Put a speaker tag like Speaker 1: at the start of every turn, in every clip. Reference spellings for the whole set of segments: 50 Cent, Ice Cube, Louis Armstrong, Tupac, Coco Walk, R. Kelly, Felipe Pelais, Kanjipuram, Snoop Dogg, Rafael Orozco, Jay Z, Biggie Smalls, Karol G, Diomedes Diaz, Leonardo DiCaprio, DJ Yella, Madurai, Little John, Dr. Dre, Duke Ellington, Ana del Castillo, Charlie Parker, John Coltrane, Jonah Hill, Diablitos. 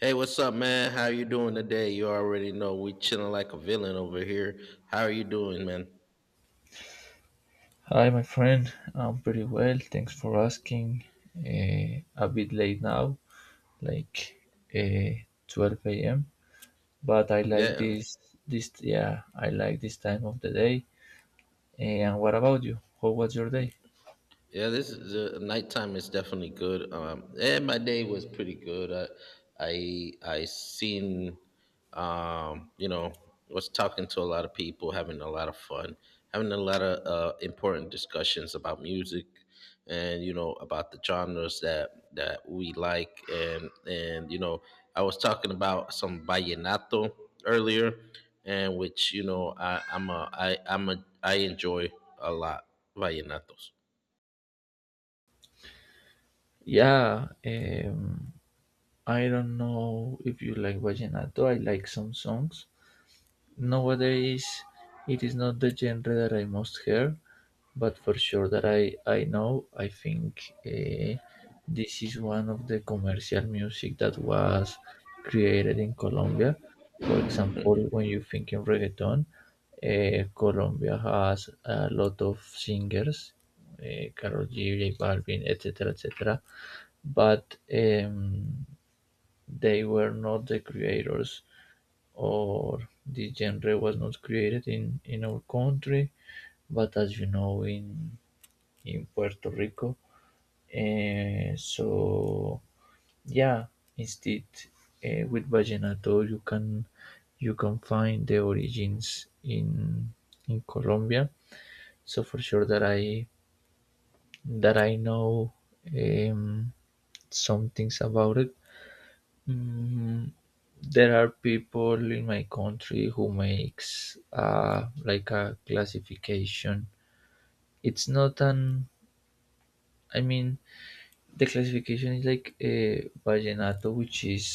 Speaker 1: Hey, what's up, man? How you doing today? You already know we chilling like a villain over here. How are you doing, man?
Speaker 2: Hi, my friend. I'm pretty well. Thanks for asking. A bit late now, like uh, 12 a.m. But I like
Speaker 1: Yeah.
Speaker 2: this. Yeah, I like this time of the day. And what about you? How was your day?
Speaker 1: Yeah, this is the nighttime is definitely good. And my day was pretty good. I seen, um, you know, was talking to a lot of people, having a lot of fun, having a lot of important discussions about music, and you know about the genres that we like, and I was talking about some vallenato earlier, and which you know I enjoy a lot vallenatos.
Speaker 2: Yeah. I don't know if you like vallenato. I like some songs. Nowadays it is not the genre that I most hear, but for sure that I know, I think this is one of the commercial music that was created in Colombia. For example, when you think in reggaeton, Colombia has a lot of singers, Karol G, J Balvin, etc., etc. But they were not the creators or the genre was not created in our country, but as you know, in Puerto Rico. So yeah, instead, with Vallenato, you can find the origins in Colombia. So for sure that I know um, some things about it. Mm, there are people in my country who makes like a classification. It's not an. I mean, the classification is like a vallenato, which is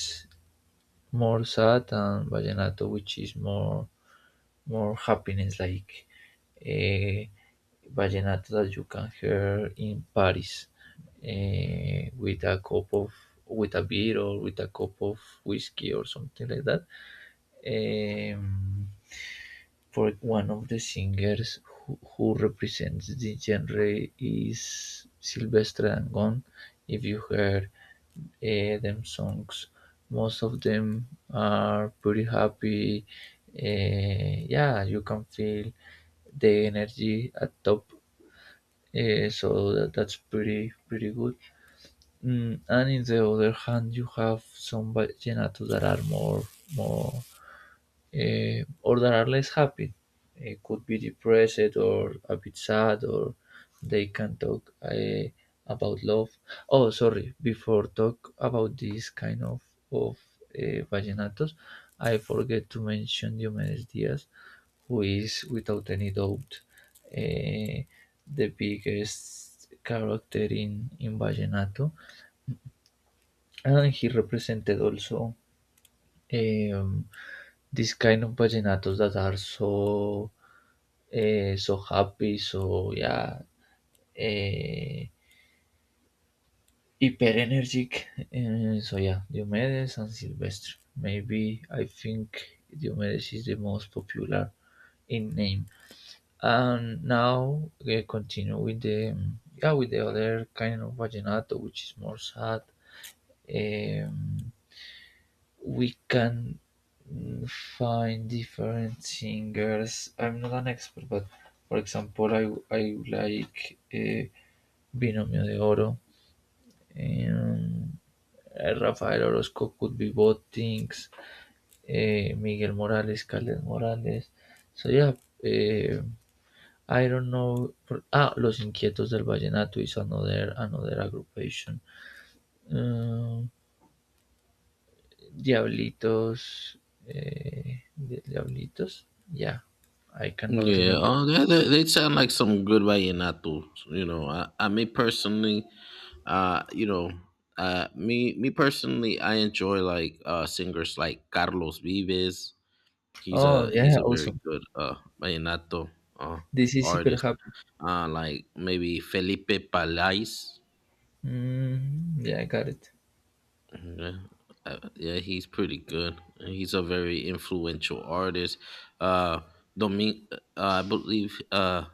Speaker 2: more sad, and vallenato, which is more happiness, like a vallenato that you can hear in Paris, with a cup of, with a beer or with a cup of whiskey or something like that. um, for one of the singers who represents the genre is Silvestre Dangon. If you heard them songs, most of them are pretty happy. Yeah, you can feel the energy at top. That's pretty good. Mm, and in the other hand, you have some vallenatos that are more or that are less happy. Could be depressed or a bit sad, or they can talk about love. Oh, sorry. Before talk about this kind of vallenatos, I forget to mention Diomedes Diaz, who is without any doubt, uh, the biggest character in vallenato, and he represented also, um, this kind of vallenatos that are so, so happy, so yeah, uh, hyper energetic. So yeah, Diomedes and Silvestre. Maybe I think Diomedes is the most popular in name. And now we continue with the, yeah, with the other kind of vallenato, which is more sad. eh, we can find different singers. I'm not an expert, but for example, I like, Binomio de Oro. Um, Rafael Orozco could be both things. Eh, Miguel Morales, Caled Morales. So yeah, eh, I don't know. Ah, Los Inquietos del Vallenato is another, another aggravation. Um, Diablitos, Diablitos. Yeah, I cannot
Speaker 1: Yeah,
Speaker 2: remember.
Speaker 1: oh, they sound like some good vallenatos. You know, I me personally, uh, you know, me personally, I enjoy like singers like Carlos Vives.
Speaker 2: Oh, yeah,
Speaker 1: He's a very
Speaker 2: awesome.
Speaker 1: good vallenato uh
Speaker 2: This is super
Speaker 1: artist.
Speaker 2: happy.
Speaker 1: Like maybe Felipe Palais.
Speaker 2: Mm, yeah, I got it.
Speaker 1: Yeah, yeah, he's pretty good. He's a very influential artist. Uh, Domin, I believe. Uh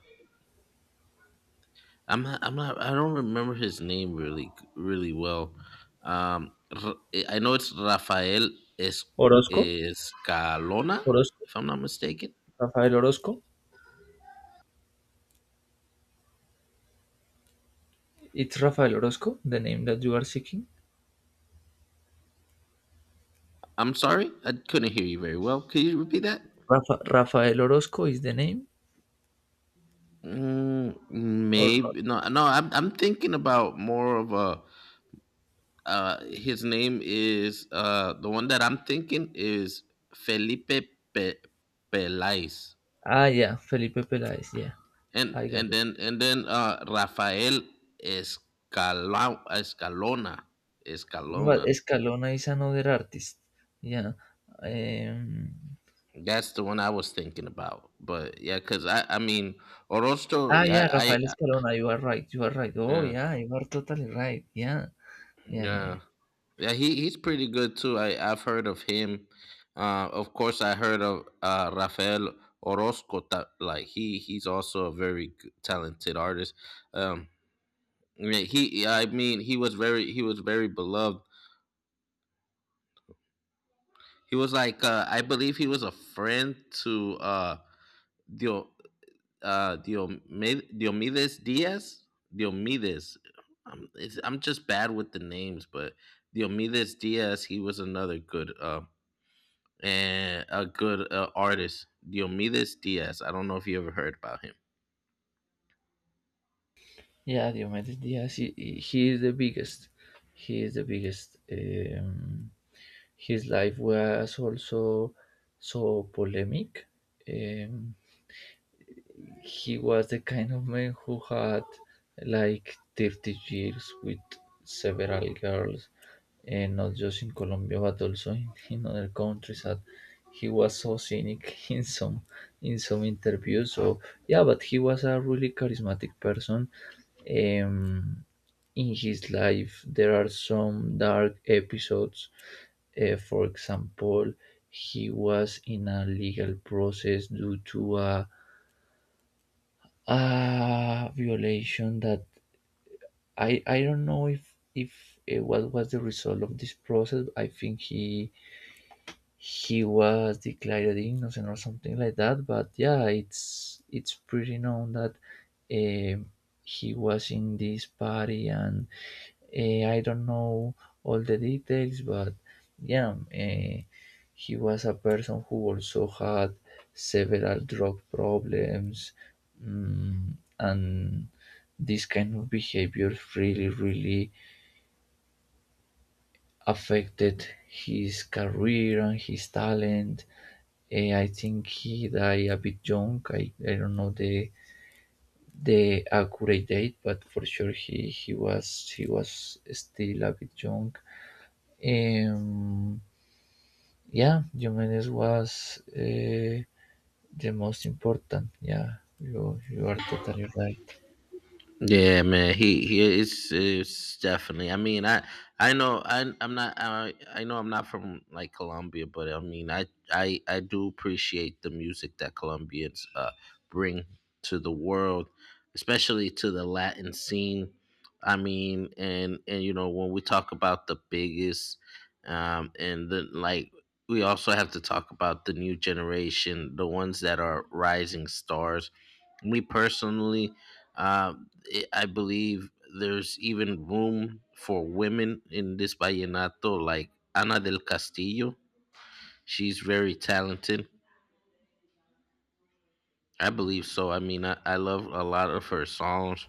Speaker 1: I'm not, I'm not, I don't remember his name really well. Um I know it's Rafael es-
Speaker 2: Orozco,
Speaker 1: Escalona,
Speaker 2: Orozco,
Speaker 1: if I'm not mistaken.
Speaker 2: Rafael Orozco. It's Rafael Orozco, the name that you are seeking.
Speaker 1: I'm sorry. I couldn't hear you very well. Could you repeat that?
Speaker 2: Rafael Orozco is the name or not?
Speaker 1: Maybe no, I'm thinking about more of a his name is the one that I'm thinking is Felipe Pe- Pelais.
Speaker 2: Ah, yeah, Felipe Peláez. Yeah,
Speaker 1: And
Speaker 2: I got
Speaker 1: and
Speaker 2: it.
Speaker 1: then and then uh, Rafael Escala, Escalona,
Speaker 2: But
Speaker 1: Escalona.
Speaker 2: Escalona is another artist. Yeah. Um,
Speaker 1: That's the one I was thinking about. But yeah, cause I mean Orozco,
Speaker 2: ah, yeah,
Speaker 1: yeah, I
Speaker 2: Rafael Escalona, you are right, you are right. Oh,
Speaker 1: yeah
Speaker 2: yeah, you are totally right. Yeah, yeah, yeah, yeah.
Speaker 1: yeah yeah, he's pretty good too. I've heard of him. Of course, I heard of Rafael Orozco. That Like he he's also a very g- talented artist. Um, I mean, he was very, beloved. He was like, I believe he was a friend to Dio, Diomedes Diaz. Diomedes. I'm just bad with the names, but Diomedes Diaz, he was another good and a good artist. Diomedes Diaz. I don't know if you ever heard about him.
Speaker 2: Yeah, Diomedes Diaz, he is the biggest. He is the biggest. His life was also so polemic. Um, he was the kind of man who had like 30 years with several girls and not just in Colombia but also in other countries, and he was so cynic in some, in some interviews. So yeah, but he was a really charismatic person. um in his life there are some dark episodes. For example, he was in a legal process due to a violation that I don't know if what was the result of this process. I think he was declared innocent or something like that, but yeah, it's pretty known that um he was in this party. And I don't know all the details, but yeah, he was a person who also had several drug problems, mm, and this kind of behavior really, really affected his career and his talent. Eh, I think he died a bit young. I don't know the accurate date, but for sure he was still a bit young. Um, yeah, Jimenez was, the most important. Yeah, you are totally right.
Speaker 1: Yeah, man, he is it's definitely. I know I'm not, I know I'm not from like Colombia, but I mean, I do appreciate the music that Colombians bring to the world, especially to the Latin scene. I mean, and you know, when we talk about the biggest, and the like, we also have to talk about the new generation, the ones that are rising stars. Me personally, uh, I believe there's even room for women in this vallenato, like Ana del Castillo. She's very talented, I believe so. I mean, I love a lot of her songs.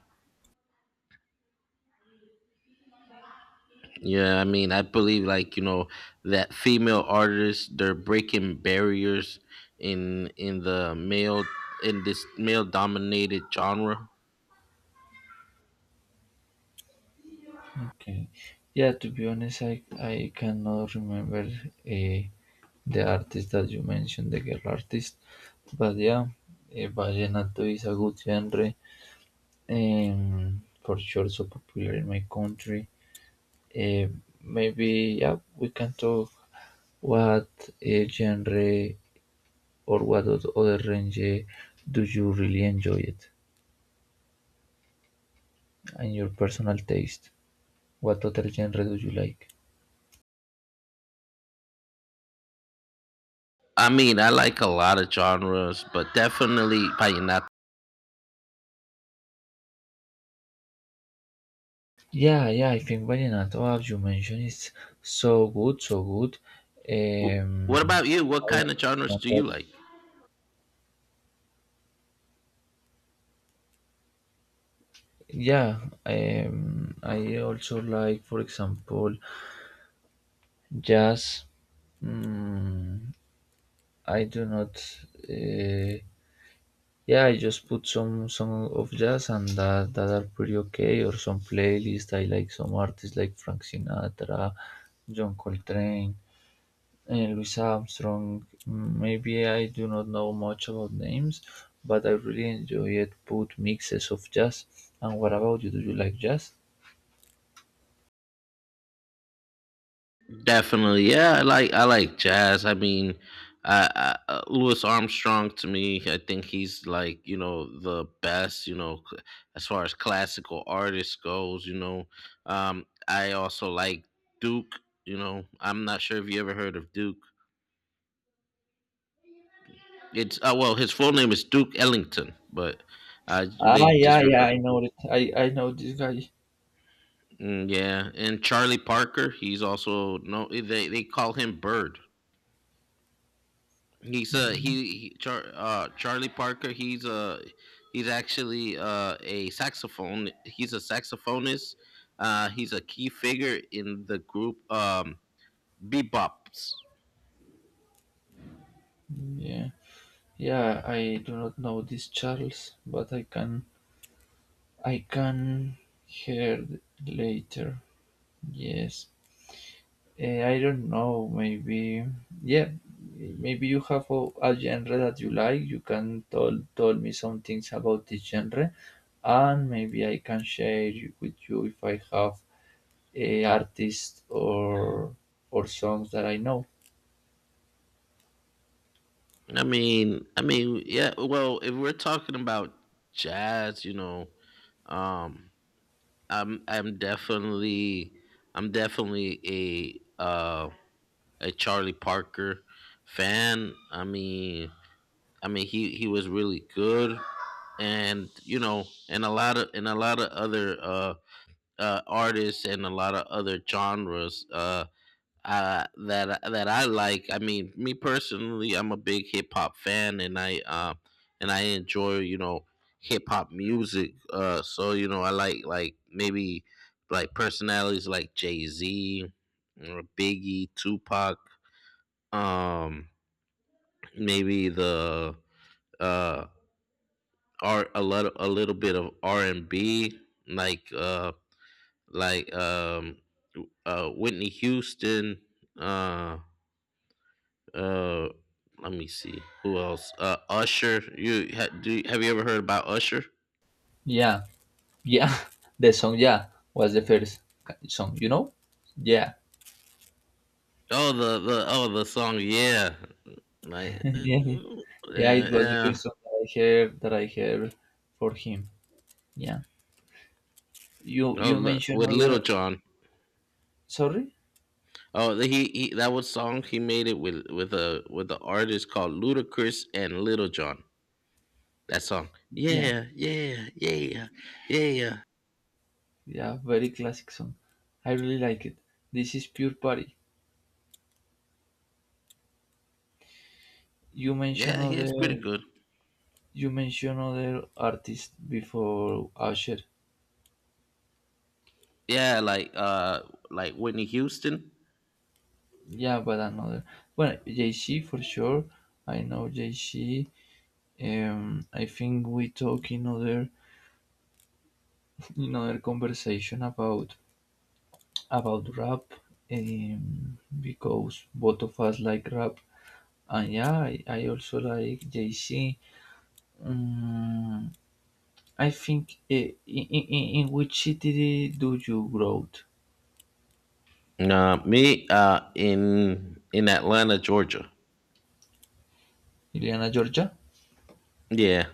Speaker 1: Yeah, I mean, I believe, like, you know, that female artists, they're breaking barriers in the male, in this male dominated genre.
Speaker 2: Okay. Yeah, to be honest, I cannot remember, the artist that you mentioned, the girl artist. But yeah, vallenato is a good genre, and for sure so popular in my country. Eh, Maybe yeah, we can talk what genre or what other genre do you really enjoy it? And your personal taste. What other genre do you like?
Speaker 1: I mean, I like a lot of genres, but definitely vallenato.
Speaker 2: Yeah, yeah, I think Vallenato, as you mentioned, is so good, so good.
Speaker 1: Wh- What
Speaker 2: Um,
Speaker 1: about you?
Speaker 2: I
Speaker 1: What kind of genres
Speaker 2: understand
Speaker 1: do
Speaker 2: that.
Speaker 1: you like?
Speaker 2: Yeah, I also like, for example, jazz. Mm, I do not. Uh, Yeah, I just put some of jazz and that are pretty okay, or some playlist. I like some artists like Frank Sinatra, John Coltrane, and Louis Armstrong. Mm, maybe I do not know much about names, but I really enjoy it. Put mixes of jazz. And what about you? Do you like jazz?
Speaker 1: Definitely, yeah. I like jazz. I mean, Louis Armstrong to me, I think he's, like, you know, the best. You know, as far as classical artists goes, you know, I also like Duke. You know, I'm not sure if you ever heard of Duke. It's well, his full name is Duke Ellington, but uh,
Speaker 2: Ah,
Speaker 1: they
Speaker 2: yeah,
Speaker 1: just
Speaker 2: yeah,
Speaker 1: refer.
Speaker 2: I know it. I know this guy.
Speaker 1: Mm, yeah, and Charlie Parker, he's also no. They call him Bird. He's a he Char, Charlie Parker. He's actually a saxophonist. He's a key figure in the group Bebops.
Speaker 2: Yeah, yeah. I do not know this Charles, but I can hear later. Yes. Eh, I don't know. Maybe, yeah, maybe you have a genre that you like. You can tell me some things about this genre, and maybe I can share you- with you if I have a artist or songs that I know.
Speaker 1: Yeah. Well, if we're talking about jazz, you know, um, I'm definitely, I'm definitely a uh, a Charlie Parker fan. I mean, he he was really good. And you know, and a lot of and a lot of other artists and a lot of other genres that I like. I mean, me personally, I'm a big hip hop fan, and I enjoy, you know, hip hop music. So you know, I like maybe, like, personalities like Jay Z, or Biggie, Tupac. Um, maybe the uh or a lot, a little bit of R and B, like like um Whitney Houston, uh uh let me see who else. Uh, Usher. Do have you ever heard about Usher?
Speaker 2: Yeah, yeah, the song yeah was the first ca- song. You know, yeah,
Speaker 1: Oh the oh the song yeah, like
Speaker 2: yeah,
Speaker 1: uh,
Speaker 2: yeah.
Speaker 1: yeah
Speaker 2: It was the
Speaker 1: yeah
Speaker 2: first song that I heard for him. Yeah, you
Speaker 1: oh,
Speaker 2: you
Speaker 1: look,
Speaker 2: mentioned
Speaker 1: with Little
Speaker 2: other.
Speaker 1: John.
Speaker 2: Sorry.
Speaker 1: Oh, the, he that was song he made it with a with an artist called Ludacris and Little John. That song.
Speaker 2: Yeah,
Speaker 1: Yeah, yeah, yeah, yeah.
Speaker 2: yeah, very classic song. I really like it. This is pure party. You mentioned
Speaker 1: Yeah,
Speaker 2: other,
Speaker 1: it's pretty good.
Speaker 2: you mentioned other artists before Usher.
Speaker 1: Yeah, like Whitney Houston.
Speaker 2: Yeah, but another. Well, Jay Z for sure. I know Jay Z. I think we talk in other, in other conversation about rap. Because both of us like rap, and yeah, I also like Jay Z. I think I- in which city do you grow?
Speaker 1: Nah, me in Atlanta, Georgia.
Speaker 2: Iliana, Georgia?
Speaker 1: Yeah,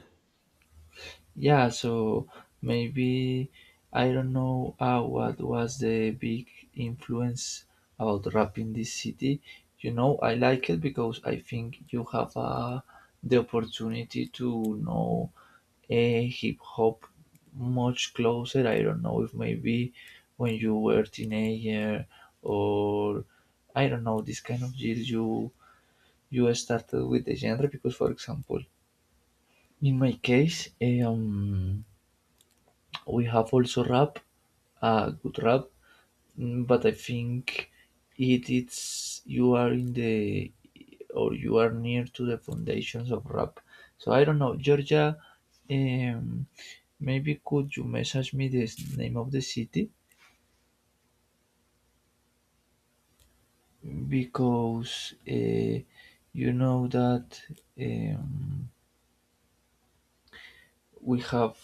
Speaker 2: Yeah, so maybe I don't know, what was the big influence about rap in this city. You know, I like it because I think you have, the opportunity to know a hip hop much closer. I don't know if maybe when you were teenager or I don't know this kind of years you started with the genre because for example in my case, we have also rap, good rap. Mm, but I think it's you are in the or you are near to the foundations of rap. So I don't know Georgia. um, Maybe could you message me the s- name of the city, because you know that, um, we have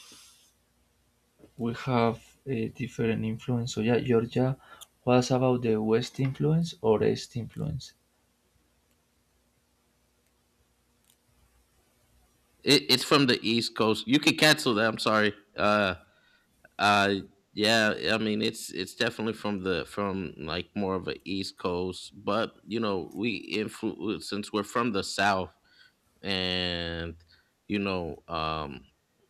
Speaker 2: we have a different influence. So yeah, Georgia was about the West influence or East influence.
Speaker 1: it's from the East Coast. You can cancel that. I'm sorry. Uh, yeah. I mean, it's definitely from the from like more of a East Coast, but you know, we influ since we're from the South. And you know, um,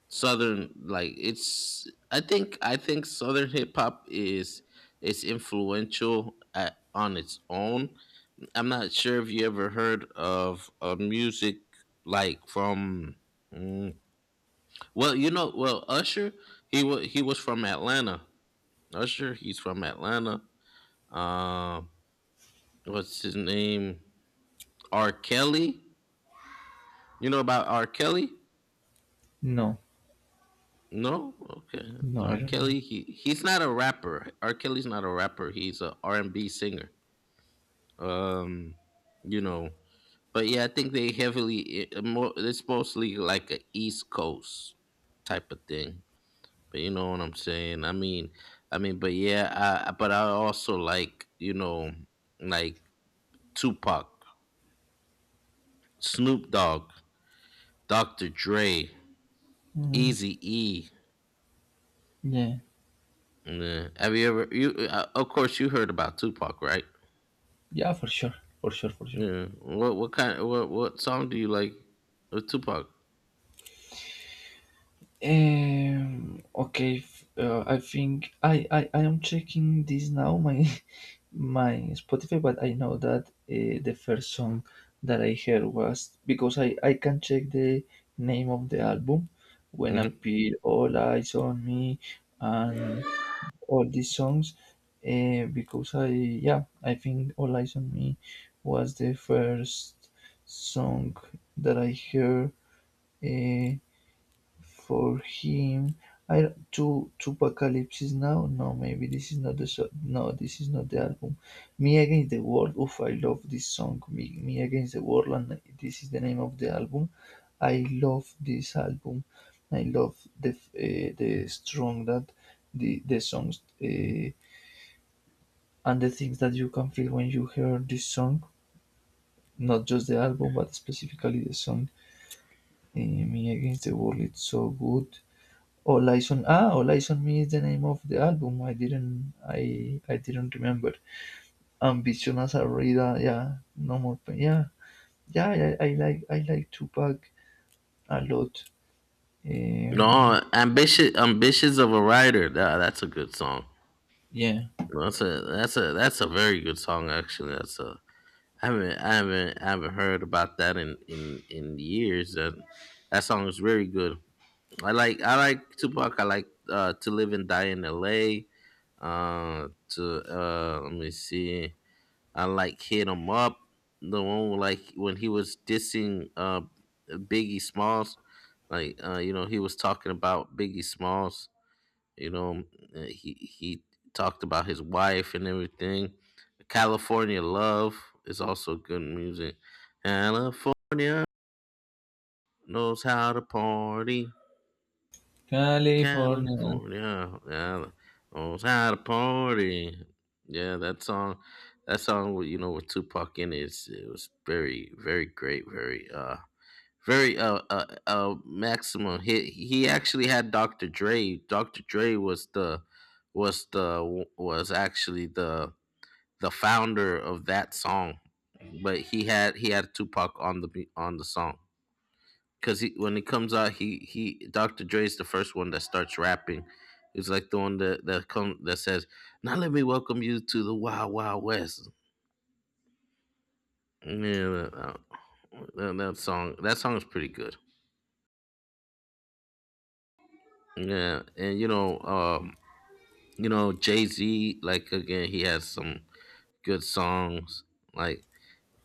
Speaker 1: southern like it's, I think southern hip hop is influential at, on its own. I'm not sure if you ever heard of music like from mm, well, you know. Well, Usher, he was from Atlanta. Usher, he's from Atlanta. Um, what's his name? R Kelly. You know about R Kelly?
Speaker 2: No,
Speaker 1: No, okay.
Speaker 2: no, I
Speaker 1: R.
Speaker 2: don't know.
Speaker 1: Kelly, he's not a rapper. R. Kelly's not a rapper. He's a R and B singer. Um, you know, but yeah, I think they heavily it's mostly like a East Coast type of thing. But you know what I'm saying? I mean, but I also like, you know, like Tupac, Snoop Dogg, Dr. Dre,
Speaker 2: Mm,
Speaker 1: Easy E.
Speaker 2: yeah,
Speaker 1: Yeah. Have you ever you? Of course, you heard about Tupac, right?
Speaker 2: yeah, for sure, for sure, for sure.
Speaker 1: Yeah. What kind what song do you like of Tupac?
Speaker 2: Okay, f- I think I am checking this now my my Spotify, but I know that the first song that I heard was because I can check the name of the album when
Speaker 1: Hmm.
Speaker 2: appear All Eyes on Me, and all these songs, because I yeah I think All Eyes on Me was the first song that I heard, uh, for him. I to Apocalypse now. No, maybe this is not the so- no. This is not the album. Me Against the World. Oof, I love this song. Me Against the World, and this is the name of the album. I love this album. I love the, the strong that the songs, and the things that you can feel when you hear this song, not just the album but specifically the song. Me Against the World, it's so good. All eyes on, ah, All Eyes on Me is the name of the album. I didn't remember. Ambition as a reader, yeah. No more pain, yeah, yeah. I like, Tupac a lot. Um,
Speaker 1: No, ambitious of a writer. Nah, that's a good song.
Speaker 2: yeah,
Speaker 1: That's a very good song actually. That's a. I haven't heard about that in in years. That that song is very good. I like Tupac. I like to live and die in L.A. To let me see. I like Hit him up. The one where, like when he was dissing Biggie Smalls, like, you know, he was talking about Biggie Smalls. You know, he talked about his wife and everything. California Love is also good music. California knows how to party.
Speaker 2: California.
Speaker 1: California. Yeah. Yeah. Oh, it's had a party. Yeah, that song with, you know, with Tupac in it, it was very, very great, very maximum hit. He actually had Dr. Dre. Dr. Dre was the, was actually the founder of that song. But he had Tupac on the on the song, because he, when he comes out, he Dr. Dre's the first one that starts rapping. He's like the one that that come that says, "Now let me welcome you to the Wild Wild West." Yeah, that song is pretty good. Yeah, and you know Jay Z. Like again, he has some good songs like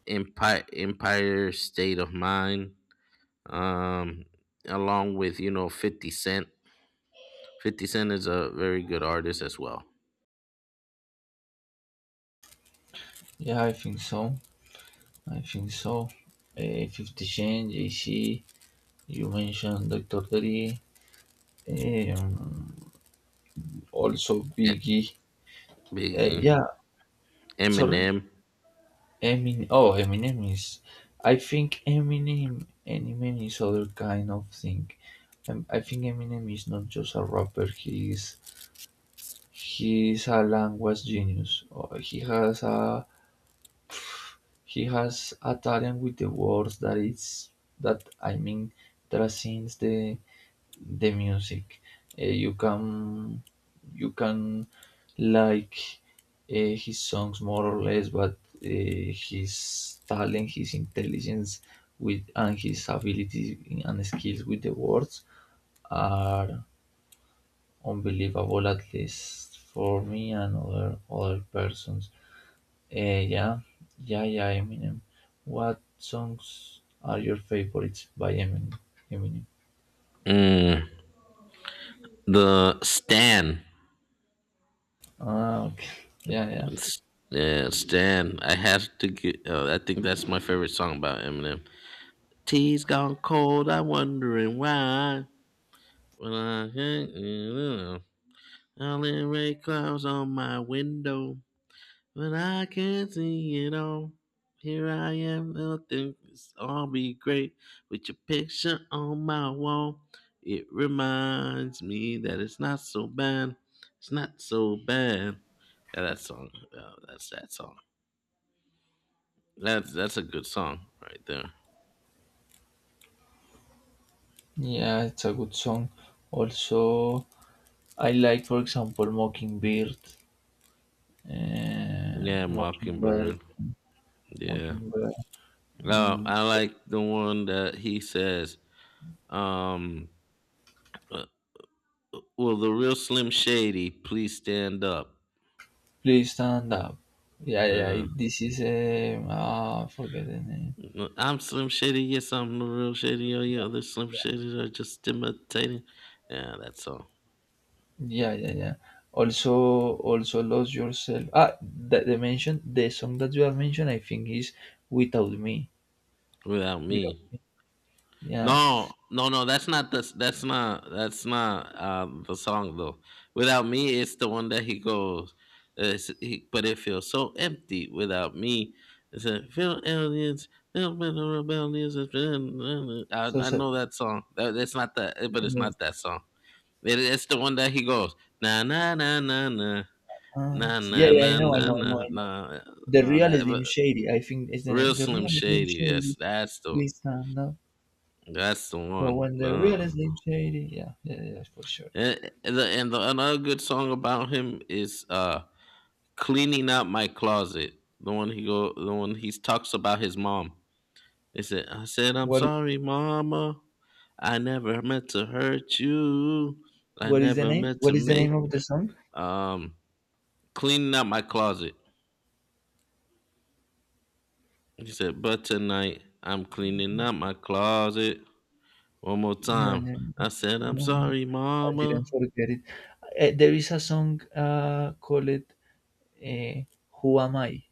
Speaker 1: Empire State of Mind. Um, along with, you know, Fifty Cent. Fifty Cent is a very good artist as well.
Speaker 2: Yeah, I think so, I think so. Uh, 50 Cent, Jay-Z, you mentioned Dr. Dre. Um, also Biggie.
Speaker 1: Biggie,
Speaker 2: Yeah, sorry.
Speaker 1: Eminem,
Speaker 2: Eminem is. I think Eminem. Eminem is other kind of thing. I think Eminem is not just a rapper. He is a language genius. He has a talent with the words that is. That I mean, transcends the music. You can you can like, his songs more or less, but his talent, his intelligence, with and his abilities and skills with the words are unbelievable, at least for me and other other persons. Yeah, yeah, yeah. Eminem. What songs are your favorites by Eminem? Eminem.
Speaker 1: mm, the Stan.
Speaker 2: Ah, okay. Yeah, yeah.
Speaker 1: S- Yeah, Stan. I have to get. I think that's my favorite song about Eminem. Tea's gone cold. I'm wondering why. Well, I can't, you know, only rain clouds on my window. But I can't see it all. Here I am, nothing. It's all be great with your picture on my wall. It reminds me that it's not so bad. It's not so bad. Yeah, that song. Uh, that's that song. That's a good song right there.
Speaker 2: Yeah, it's a good song. Also, I like, for example, Mockingbird,
Speaker 1: Yeah,
Speaker 2: Mockingbird,
Speaker 1: Mockingbird. Yeah.
Speaker 2: Mockingbird.
Speaker 1: No,
Speaker 2: Mm,
Speaker 1: I like the one that he says. Um, uh, will the real Slim Shady please stand up?
Speaker 2: please stand up. Yeah, yeah.
Speaker 1: Yeah.
Speaker 2: it- This is a ah, forget the name.
Speaker 1: No, I'm Slim Shady. Yes, I'm the real Shady. All you other Slim Shadys are just imitating. Yeah, that's all.
Speaker 2: Yeah, yeah, yeah. Also, also lose yourself. Ah, that they mentioned the song that you have mentioned, I think is without me.
Speaker 1: Without
Speaker 2: Without
Speaker 1: me.
Speaker 2: me. Yeah.
Speaker 1: No, no, no. That's not the. That's not. That's not the song though. Without me, it's the one that he goes. Uh, but it feels so empty without me. It's a feel aliens. Feel been a rebellious- it's been-
Speaker 2: So,
Speaker 1: I
Speaker 2: so
Speaker 1: know that song. That's not that. But
Speaker 2: I
Speaker 1: it's
Speaker 2: mean,
Speaker 1: not that song. It's the one that he goes na na na na na.
Speaker 2: ah,
Speaker 1: Nah,
Speaker 2: yeah,
Speaker 1: nah,
Speaker 2: yeah. I
Speaker 1: nah,
Speaker 2: know, I
Speaker 1: nah,
Speaker 2: know,
Speaker 1: nah,
Speaker 2: I know,
Speaker 1: nah,
Speaker 2: The
Speaker 1: nah.
Speaker 2: Real
Speaker 1: That but
Speaker 2: Slim Shady, I think is the
Speaker 1: real
Speaker 2: name. The
Speaker 1: Slim
Speaker 2: Real Slim
Speaker 1: Shady.
Speaker 2: Shady, please stand up.
Speaker 1: That's the
Speaker 2: So
Speaker 1: one.
Speaker 2: when the
Speaker 1: No.
Speaker 2: Real Slim Shady, yeah, yeah, yeah, yeah, for sure.
Speaker 1: And the another good song about him is cleaning out my closet. The one he talks about his mom. He said, "I said I'm
Speaker 2: What
Speaker 1: sorry, mama. I never meant to hurt you. I
Speaker 2: what is the
Speaker 1: never
Speaker 2: name?
Speaker 1: meant to
Speaker 2: What is the name
Speaker 1: make
Speaker 2: of the song?
Speaker 1: um cleaning out my closet." He said, "But tonight I'm cleaning out my closet." One more
Speaker 2: Yeah,
Speaker 1: time.
Speaker 2: yeah.
Speaker 1: I said, I'm
Speaker 2: Um,
Speaker 1: sorry,
Speaker 2: I didn't
Speaker 1: mama.
Speaker 2: forget it. There is a song called uh, "Who Am I,"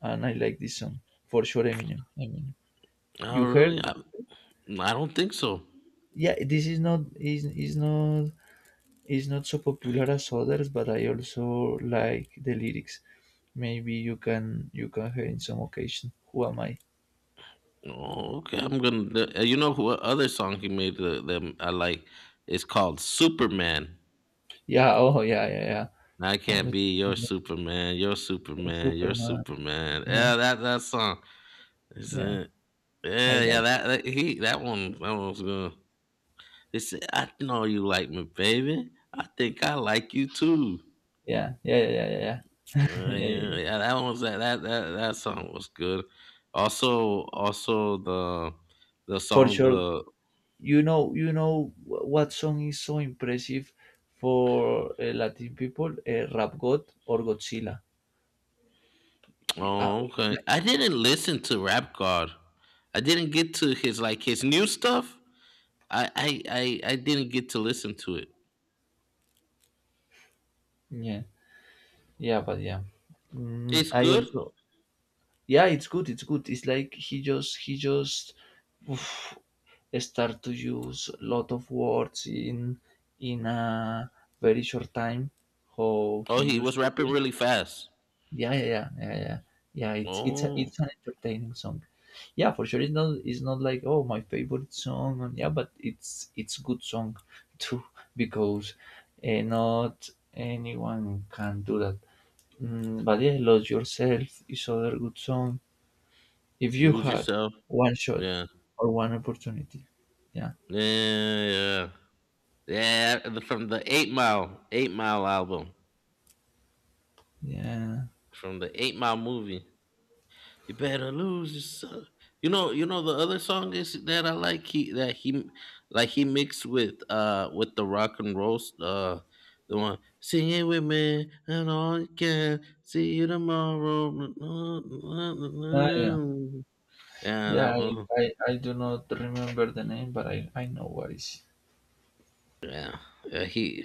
Speaker 2: and I like this song for sure. Eminem. Eminem.
Speaker 1: Oh,
Speaker 2: You
Speaker 1: really?
Speaker 2: heard?
Speaker 1: I don't think so.
Speaker 2: Yeah, this is not is not is not so popular as others, but I also like the lyrics. Maybe you can hear in some occasion. Who am I?
Speaker 1: Oh, okay, I'm gonna. You know what other song he made that I like? It's called Superman.
Speaker 2: Yeah. Oh, yeah, yeah, yeah.
Speaker 1: I can't
Speaker 2: Wanted to
Speaker 1: be your Superman, your
Speaker 2: like
Speaker 1: Superman, your
Speaker 2: Superman.
Speaker 1: Superman.
Speaker 2: Yeah,
Speaker 1: Yeah, that song. It's,
Speaker 2: yeah.
Speaker 1: uh,
Speaker 2: I
Speaker 1: yeah, yeah,
Speaker 2: like it.
Speaker 1: that one was good. He said, "I know you like me, baby. I think I like you too."
Speaker 2: Yeah, yeah, yeah, yeah, yeah, yeah, yeah, yeah.
Speaker 1: Yeah, yeah, that one was that song was good. Also, the
Speaker 2: For
Speaker 1: song
Speaker 2: sure.
Speaker 1: the
Speaker 2: You know, what song is so impressive for Latin people? Rap God or Godzilla. Y- Uh,
Speaker 1: Oh, okay. I didn't listen to Rap God. I didn't get to his, like, his new stuff. I I I didn't get to listen to it.
Speaker 2: yeah, yeah, but yeah. Mm,
Speaker 1: It's
Speaker 2: I
Speaker 1: good.
Speaker 2: also, yeah, it's good. It's good. It's like he just, start to use a lot of words in a very short time how he
Speaker 1: Oh, he
Speaker 2: used
Speaker 1: was
Speaker 2: to
Speaker 1: rapping
Speaker 2: do
Speaker 1: really fast.
Speaker 2: yeah yeah yeah yeah yeah, yeah it's
Speaker 1: Oh,
Speaker 2: it's an entertaining song yeah for sure it's not like oh my favorite song and yeah but it's good song too because not anyone can do that mm, but yeah lose yourself is other good song if you
Speaker 1: lose
Speaker 2: had
Speaker 1: yourself.
Speaker 2: one shot
Speaker 1: Yeah,
Speaker 2: or one opportunity yeah
Speaker 1: yeah, yeah, yeah. From the 8 Mile album,
Speaker 2: yeah.
Speaker 1: from the 8 Mile movie. You better lose yourself. You know, the other song is that I like, he that he like he mixed with the rock and roll, the one, sing it with me and all you can see you tomorrow.
Speaker 2: Ah, yeah,
Speaker 1: Yeah,
Speaker 2: yeah.
Speaker 1: that
Speaker 2: I,
Speaker 1: one.
Speaker 2: I, I do not remember the name, but I know what is
Speaker 1: Yeah, yeah. He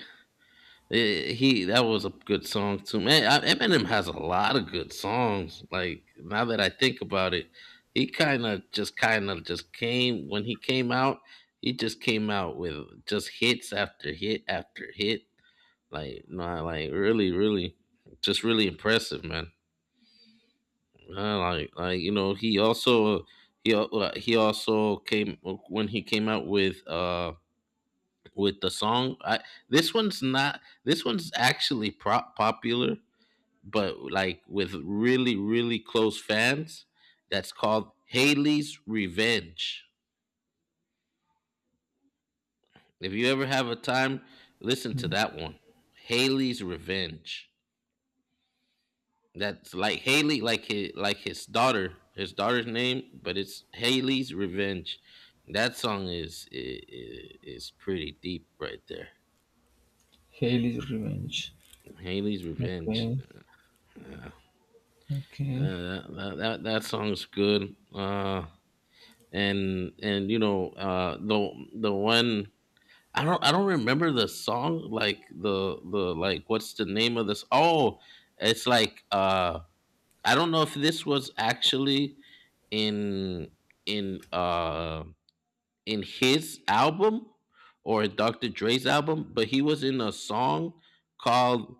Speaker 1: Eh, he that was a good song too, man. Eminem has a lot of good songs. Like, now that I think about it, he kind of just came when he came out. He just came out with just hits after hit after hit. Like, no, like, really, really, just really impressive, man. Like, you know, he also he also came when he came out with the song. I This one's not, this one's actually prop popular, but, like, with really, really close fans. That's called Haley's Revenge. If you ever have a time, listen to
Speaker 2: hmm.
Speaker 1: that one. Haley's Revenge. That's like Haley, like his, like his daughter's name, but it's Haley's Revenge. That song is pretty deep right there.
Speaker 2: Haley's Revenge.
Speaker 1: Haley's Revenge.
Speaker 2: Okay,
Speaker 1: uh,
Speaker 2: okay.
Speaker 1: that song's good. And you know, the one, I don't remember the song, like the, like, what's the name of this? Oh, it's like, I don't know if this was actually in in uh in his album or Dr. Dre's album, but he was in a song called,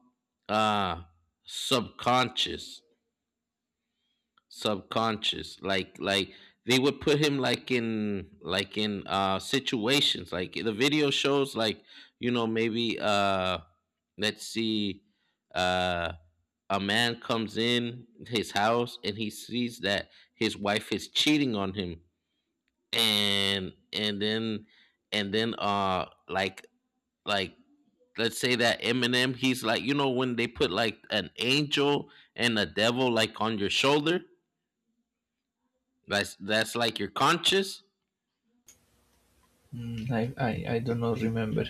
Speaker 1: uh Subconscious. Like, they would put him, like, in, situations. Like, the video shows, like, you know, maybe, let's see, uh a man comes in his house and he sees that his wife is cheating on him, and and then and then like let's say that Eminem, he's like, you know, when they put like an angel and a devil, like, on your shoulder. That's like your conscious.
Speaker 2: Hmm, I do not remember.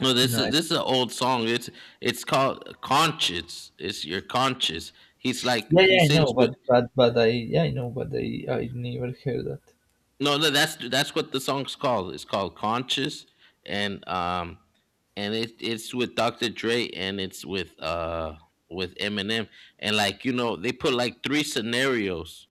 Speaker 1: No, this
Speaker 2: No,
Speaker 1: is
Speaker 2: I,
Speaker 1: this is an old song. It's called conscious. It's your conscious. He's like,
Speaker 2: yeah,
Speaker 1: he
Speaker 2: yeah, I know,
Speaker 1: sings
Speaker 2: but
Speaker 1: with.
Speaker 2: but I know, but I never heard that.
Speaker 1: No, no. That's what the song's called. It's called conscious, and um and it's with Dr. Dre, and it's with Eminem. And, like, you know, they put, like, three scenarios,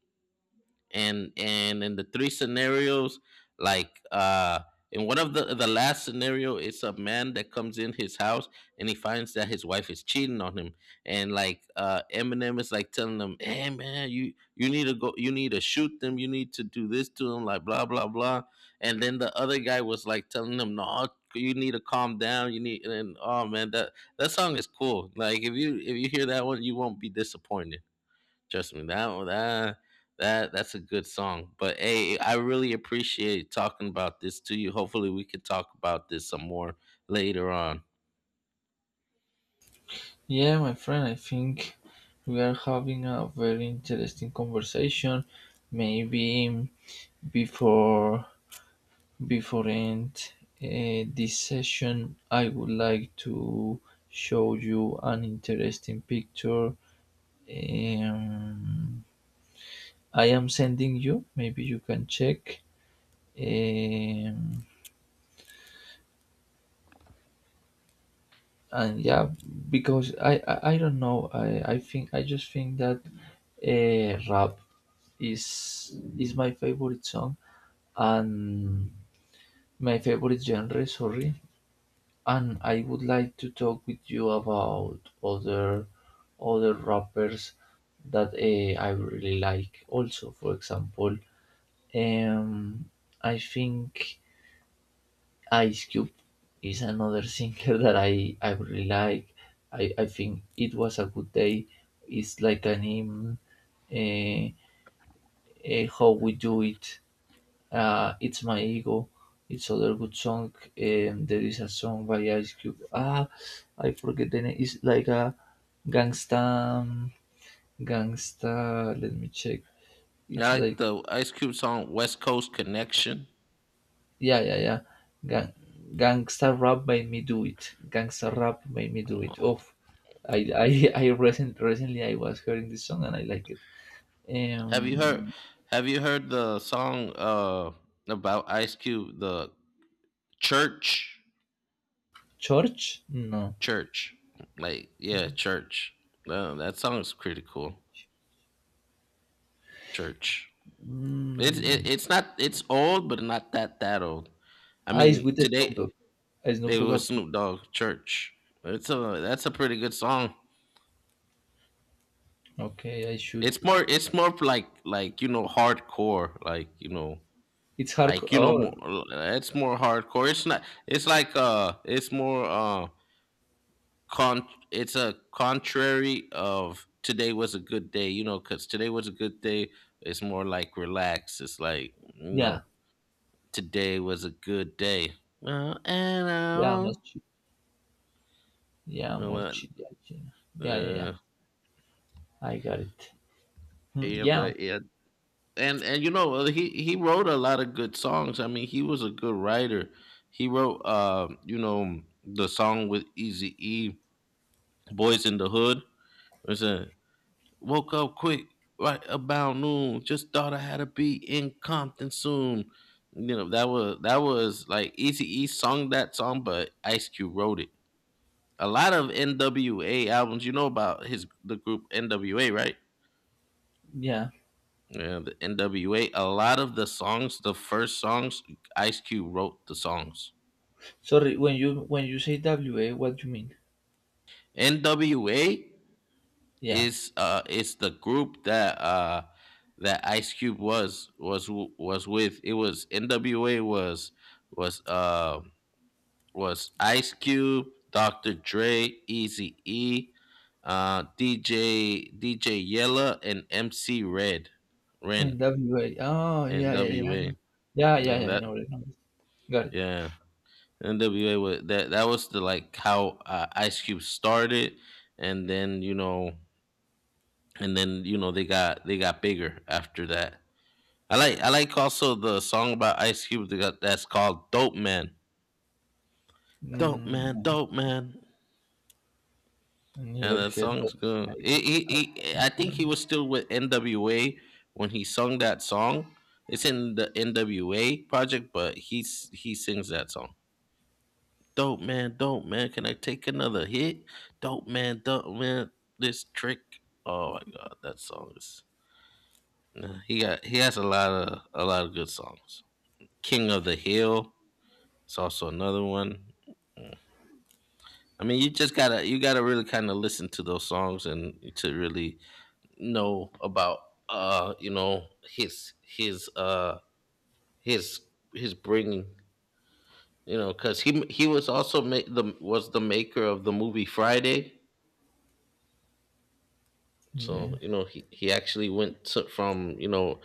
Speaker 1: and in the three scenarios, like, in one of the last scenario, it's a man that comes in his house and he finds that his wife is cheating on him. And, like, Eminem is, like, telling him, "Hey, man, you need to go, you need to shoot them, you need to do this to them, like, blah, blah, blah." And then the other guy was, like, telling him, "No, you need to calm down, you need..." And, oh man, that song is cool. Like, if you hear that one, you won't be disappointed. Trust me, that's a good song. But hey, I really appreciate talking about this to you. Hopefully, we could talk about this some more later on.
Speaker 2: Yeah, my friend, I think we are having a very interesting conversation. Maybe before Before I end this session, I would like to show you an interesting picture. Um, I am sending you. Maybe you can check. Um, and yeah, because I don't know. I think I just think that rap is my favorite song and my favorite genre. Sorry, and I would like to talk with you about other rappers that I really like. Also, for example, um, I think Ice Cube is another singer that I really like. I think it was a good day. It's like an hymn. Uh, how we do it. "It's My Ego." It's other good song. There is a song by Ice Cube. Ah, I forget the name. It's like a gangsta, gangsta. Let me check.
Speaker 1: I
Speaker 2: It's
Speaker 1: like
Speaker 2: like
Speaker 1: the Ice Cube song "West Coast Connection".
Speaker 2: yeah, yeah, yeah. Gang, gangsta rap made me do it. Gangsta rap made me do it. Oh, I recently I was hearing this song and I like it.
Speaker 1: Have you heard?
Speaker 2: Um,
Speaker 1: Have you heard the song about Ice Cube? The Church.
Speaker 2: Church? No.
Speaker 1: Church. Like, yeah, Church. That song is pretty cool. Church. It's it,
Speaker 2: Mm.
Speaker 1: it's not, it's old, but not that old. I
Speaker 2: Ah, it's
Speaker 1: mean,
Speaker 2: with Snoop
Speaker 1: today.
Speaker 2: Dogg. Snoop
Speaker 1: It
Speaker 2: Dogg.
Speaker 1: was
Speaker 2: appear-
Speaker 1: Snoop Dogg Church. It's a that's a pretty good song.
Speaker 2: Okay, I should.
Speaker 1: It's more like, you know, hardcore, like, you know,
Speaker 2: It's hardcore.
Speaker 1: like you know more,
Speaker 2: Oh,
Speaker 1: it's more hardcore. It's not, it's like, it's more, con it's a contrary of Today Was a Good Day, you know, because Today Was a Good Day, it's more like relax, it's like, you
Speaker 2: yeah,
Speaker 1: know, Today Was a Good Day. Well, and I,
Speaker 2: yeah,
Speaker 1: will
Speaker 2: yeah,
Speaker 1: well,
Speaker 2: yeah, China. Yeah, yeah, yeah.
Speaker 1: uh,
Speaker 2: I got it. Hmm,
Speaker 1: yeah,
Speaker 2: yeah,
Speaker 1: but yeah. And you know, he wrote a lot of good songs. I mean, he was a good writer. He wrote, you know, the song with Easy E, "Boys in the Hood". It's said, woke up quick right about noon. Just thought I had to be in Compton soon. You know, that was like, Easy E sung that song, but Ice Cube wrote it. A lot of NWA albums. You know about his the group NWA, right?
Speaker 2: yeah.
Speaker 1: Yeah, the NWA. A lot of the songs, the first songs, Ice Cube wrote the songs.
Speaker 2: Sorry, when you say WA, what do you mean?
Speaker 1: NWA
Speaker 2: Yeah,
Speaker 1: is the group that that Ice Cube was with. It was NWA, was uh was Ice Cube, Dr. Dre, Easy E, DJ Yella, and MC Red Ren.
Speaker 2: WA. Oh, yeah, yeah, yeah,
Speaker 1: NWA.
Speaker 2: yeah, yeah,
Speaker 1: You
Speaker 2: yeah,
Speaker 1: know
Speaker 2: yeah, I
Speaker 1: that.
Speaker 2: know it. I know it. Got it.
Speaker 1: Yeah, NWA was that was the, like, how, Ice Cube started, and then you know, and then, you know, they got bigger after that. I like also the song about Ice Cube that's called "Dope Man". Dope
Speaker 2: Mm,
Speaker 1: man, dope man,
Speaker 2: I never
Speaker 1: and that
Speaker 2: heard that.
Speaker 1: song's good.
Speaker 2: I-
Speaker 1: I think he was still with NWA when he sung that song. It's in the NWA project, but he sings that song. Dope man, dope man. Can I take another hit? Dope man, dope man. This trick. Oh my god, that song is. Nah, he has a lot of good songs. King of the Hill. It's also another one. Mm. I mean, you just gotta, you gotta really kind of listen to those songs and to really know about, you know, his his uh his his bringing, you know, because he was also ma- the was the maker of the movie Friday.
Speaker 2: Yeah.
Speaker 1: So, you know, he actually went to, from, you know,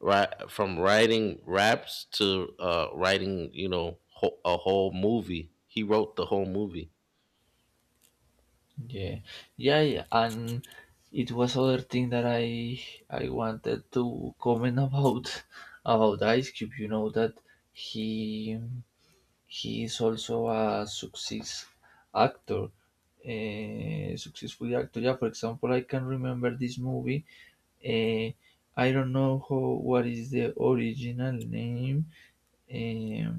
Speaker 1: from writing raps to, writing, you know, a whole movie. He wrote the whole movie.
Speaker 2: Yeah, yeah, yeah. And it was other thing that I wanted to comment about about Ice Cube. You know that he he is also a success actor, a successful actor. Yeah, for example, I can remember this movie. Uh, I don't know how what is the original name. Um,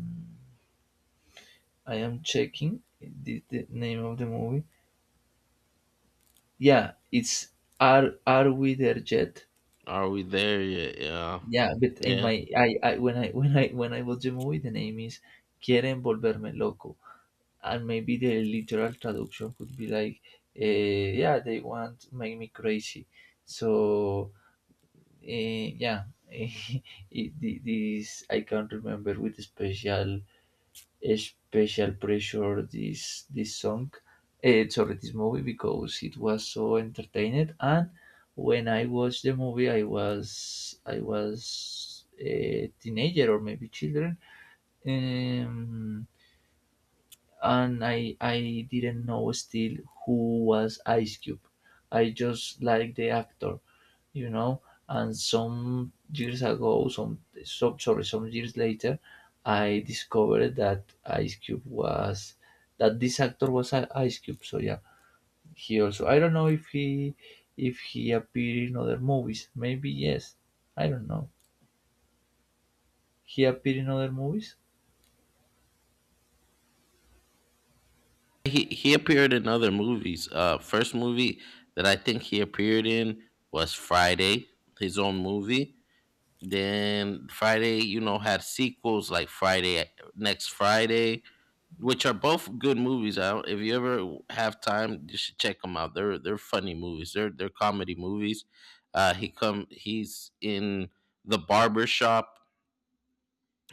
Speaker 2: I am checking the name of the movie. Yeah, it's "Are We There Yet?"
Speaker 1: Are We There Yet? Yeah.
Speaker 2: Yeah, but in
Speaker 1: Yeah,
Speaker 2: my I when I when I watch the movie, the name is "Quieren volverme loco," and maybe the literal traduction could be like, eh, "Yeah, they want to make me crazy." So eh, yeah, it, this I can not remember with special pressure this song, sorry, this movie because it was so entertaining. And when I watched the movie, I was a teenager or maybe children. Um, and I didn't know still who was Ice Cube. I just like the actor, you know. And some years ago, sorry, some years later, I discovered that Ice Cube was that this actor was Ice Cube. So yeah, he also I don't know if he appeared in other movies. Maybe yes, I don't know. He appeared in other movies.
Speaker 1: he appeared in other movies. First movie that I think he appeared in was Friday, his own movie. Then Friday, you know, had sequels like Friday, Next Friday, which are both good movies. I If you ever have time, you should check them out. They're funny movies. They're comedy movies. He's in the barber shop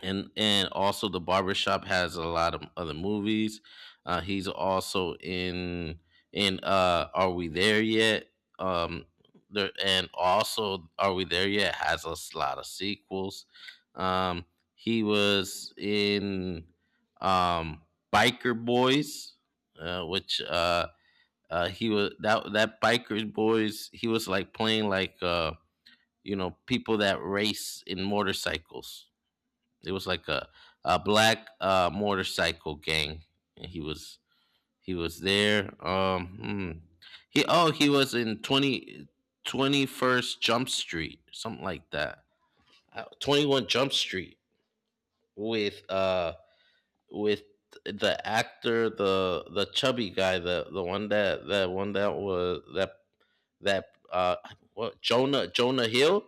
Speaker 1: and also the Barbershop has a lot of other movies. He's also in Are We There Yet. um there, and also Are We There Yet has a lot of sequels. um he was in, um Biker Boys, which he was that Biker Boys. He was like playing, like, you know, people that race in motorcycles. It was like a black, motorcycle gang, and he was there. Hmm. He was in 20 21st Jump Street, something like that. 21 Jump Street with, with the actor, the chubby guy, the one that that one that was that that what Jonah Hill.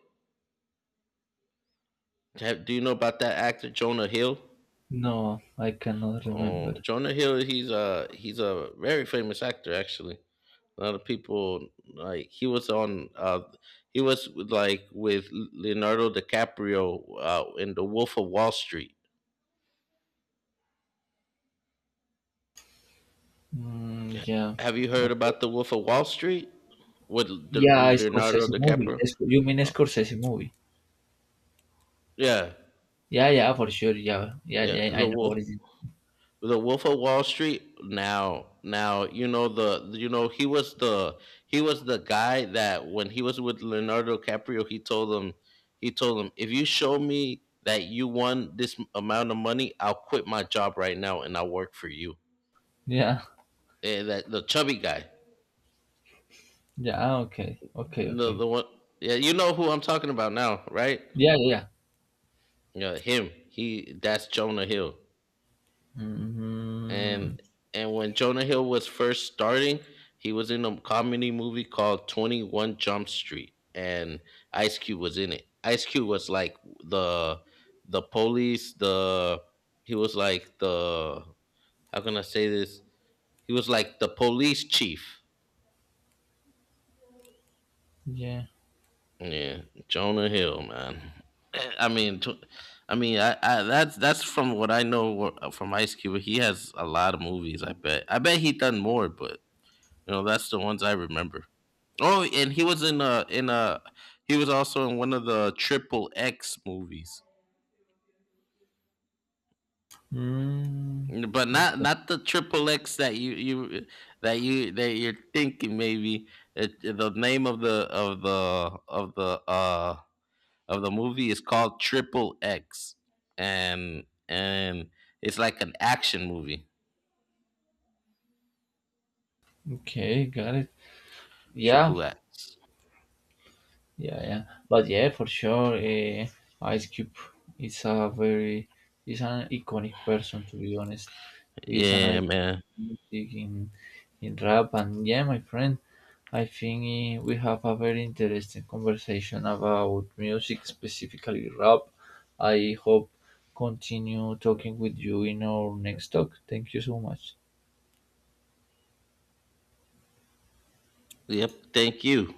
Speaker 1: Do you know about that actor Jonah Hill?
Speaker 2: No, I cannot
Speaker 1: Oh,
Speaker 2: remember.
Speaker 1: Jonah Hill. He's a very famous actor. Actually, a lot of people, like, he was on. He was with, like, with Leonardo DiCaprio, in The Wolf of Wall Street.
Speaker 2: Mm,
Speaker 1: H-
Speaker 2: yeah.
Speaker 1: Have you heard about The Wolf of Wall Street with
Speaker 2: Yeah, a
Speaker 1: Leonardo
Speaker 2: Scorsese movie.
Speaker 1: DiCaprio?
Speaker 2: You mean a
Speaker 1: Uh,
Speaker 2: Scorsese movie?
Speaker 1: yeah,
Speaker 2: Yeah, yeah, for sure. Yeah, yeah,
Speaker 1: yeah,
Speaker 2: yeah. I
Speaker 1: The
Speaker 2: know
Speaker 1: Wolf.
Speaker 2: what is it.
Speaker 1: The Wolf of Wall Street. Now you know, the you know, he was the guy that when he was with Leonardo DiCaprio, he told him, "If you show me that you won this amount of money, I'll quit my job right now and I'll work for you."
Speaker 2: Yeah,
Speaker 1: That, the chubby guy,
Speaker 2: yeah. Okay, okay,
Speaker 1: the
Speaker 2: okay.
Speaker 1: the one, yeah, you know who I'm talking about now, right?
Speaker 2: Yeah, yeah.
Speaker 1: Yeah, him. He That's Jonah Hill.
Speaker 2: Mm,
Speaker 1: and and when Jonah Hill was first starting, he was in a comedy movie called 21 Jump Street, and Ice Cube was in it. Ice Cube was like the police, the he was like the, how can I say this? He was like the police chief.
Speaker 2: yeah.
Speaker 1: Yeah, Jonah Hill, man. I mean, tw- I mean, I that's from what I know, from Ice Cube. He has a lot of movies. I bet. I bet he done more, but, you know, that's the ones I remember. Oh, and he was also in one of the Triple X movies.
Speaker 2: Mm,
Speaker 1: But not the Triple X that you you that you're thinking maybe. The name of the of the of the of the movie is called Triple X. And it's like an action movie.
Speaker 2: okay, got it. Yeah,
Speaker 1: Triple X.
Speaker 2: yeah, yeah, but yeah, for sure, Ice Cube is a very is an iconic person to be honest. He's an
Speaker 1: Yeah,
Speaker 2: icon
Speaker 1: man.
Speaker 2: in music in rap, and yeah, my friend, I think we have a very interesting conversation about music, specifically rap. I hope continue talking with you in our next talk. Thank you so much.
Speaker 1: Yep, thank you.